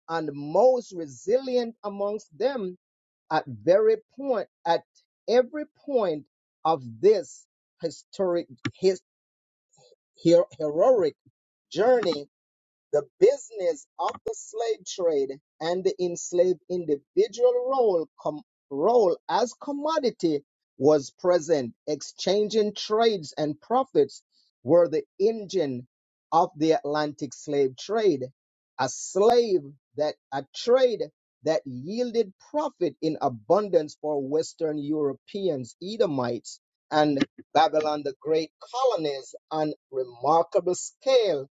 Speaker 3: and most resilient amongst them at very point at every point of this historic his, her- heroic journey the business of the slave trade and the enslaved individual role, com- role as commodity was present. Exchanging trades and profits were the engine of the Atlantic slave trade. A slave that a trade that yielded profit in abundance for Western Europeans, Edomites, and Babylon the Great colonies on remarkable scale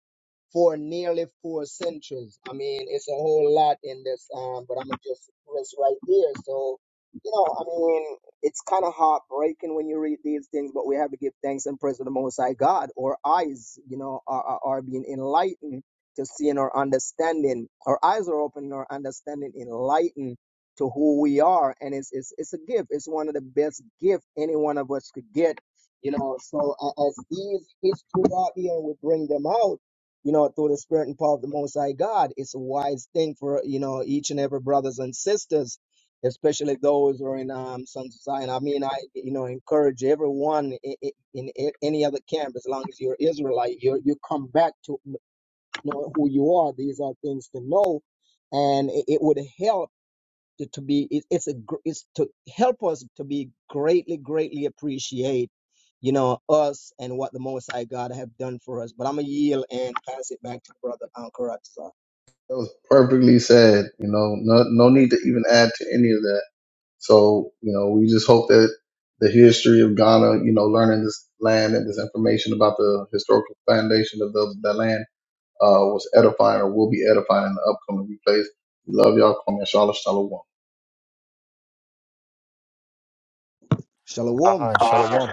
Speaker 3: for nearly four centuries. I mean, it's a whole lot in this, um, but I'm gonna just rest right there. So, you know, I mean, it's kind of heartbreaking when you read these things, but we have to give thanks and praise to the Most High God. Our eyes, you know, are, are, are being enlightened to seeing our understanding. Our eyes are open, and our understanding enlightened to who we are, and it's it's it's a gift. It's one of the best gift any one of us could get. You know, so a- as these history out here, we bring them out you know, through the spirit and power of the Most High God. It's a wise thing for, you know, each and every brothers and sisters, especially those who are in um, Sons of Zion. I mean, I, you know, encourage everyone in, in, in any other camp, as long as you're Israelite, you you come back to know who you are. These are things to know. And it, it would help to be it, it's a gr- it's to help us to be greatly greatly appreciate you know us and what the most high god have done for us but i'm gonna yield and pass it back to brother Ankaratza.
Speaker 2: That was perfectly said. You know, no, no need to even add to any of that. So, you know, we just hope that the history of Ghana, you know, learning this land and this information about the historical foundation of the, the land uh, was edifying or will be edifying in the upcoming replays. Love y'all. Kwame Shalom Shalom.
Speaker 3: shalom
Speaker 1: Ah, shalom.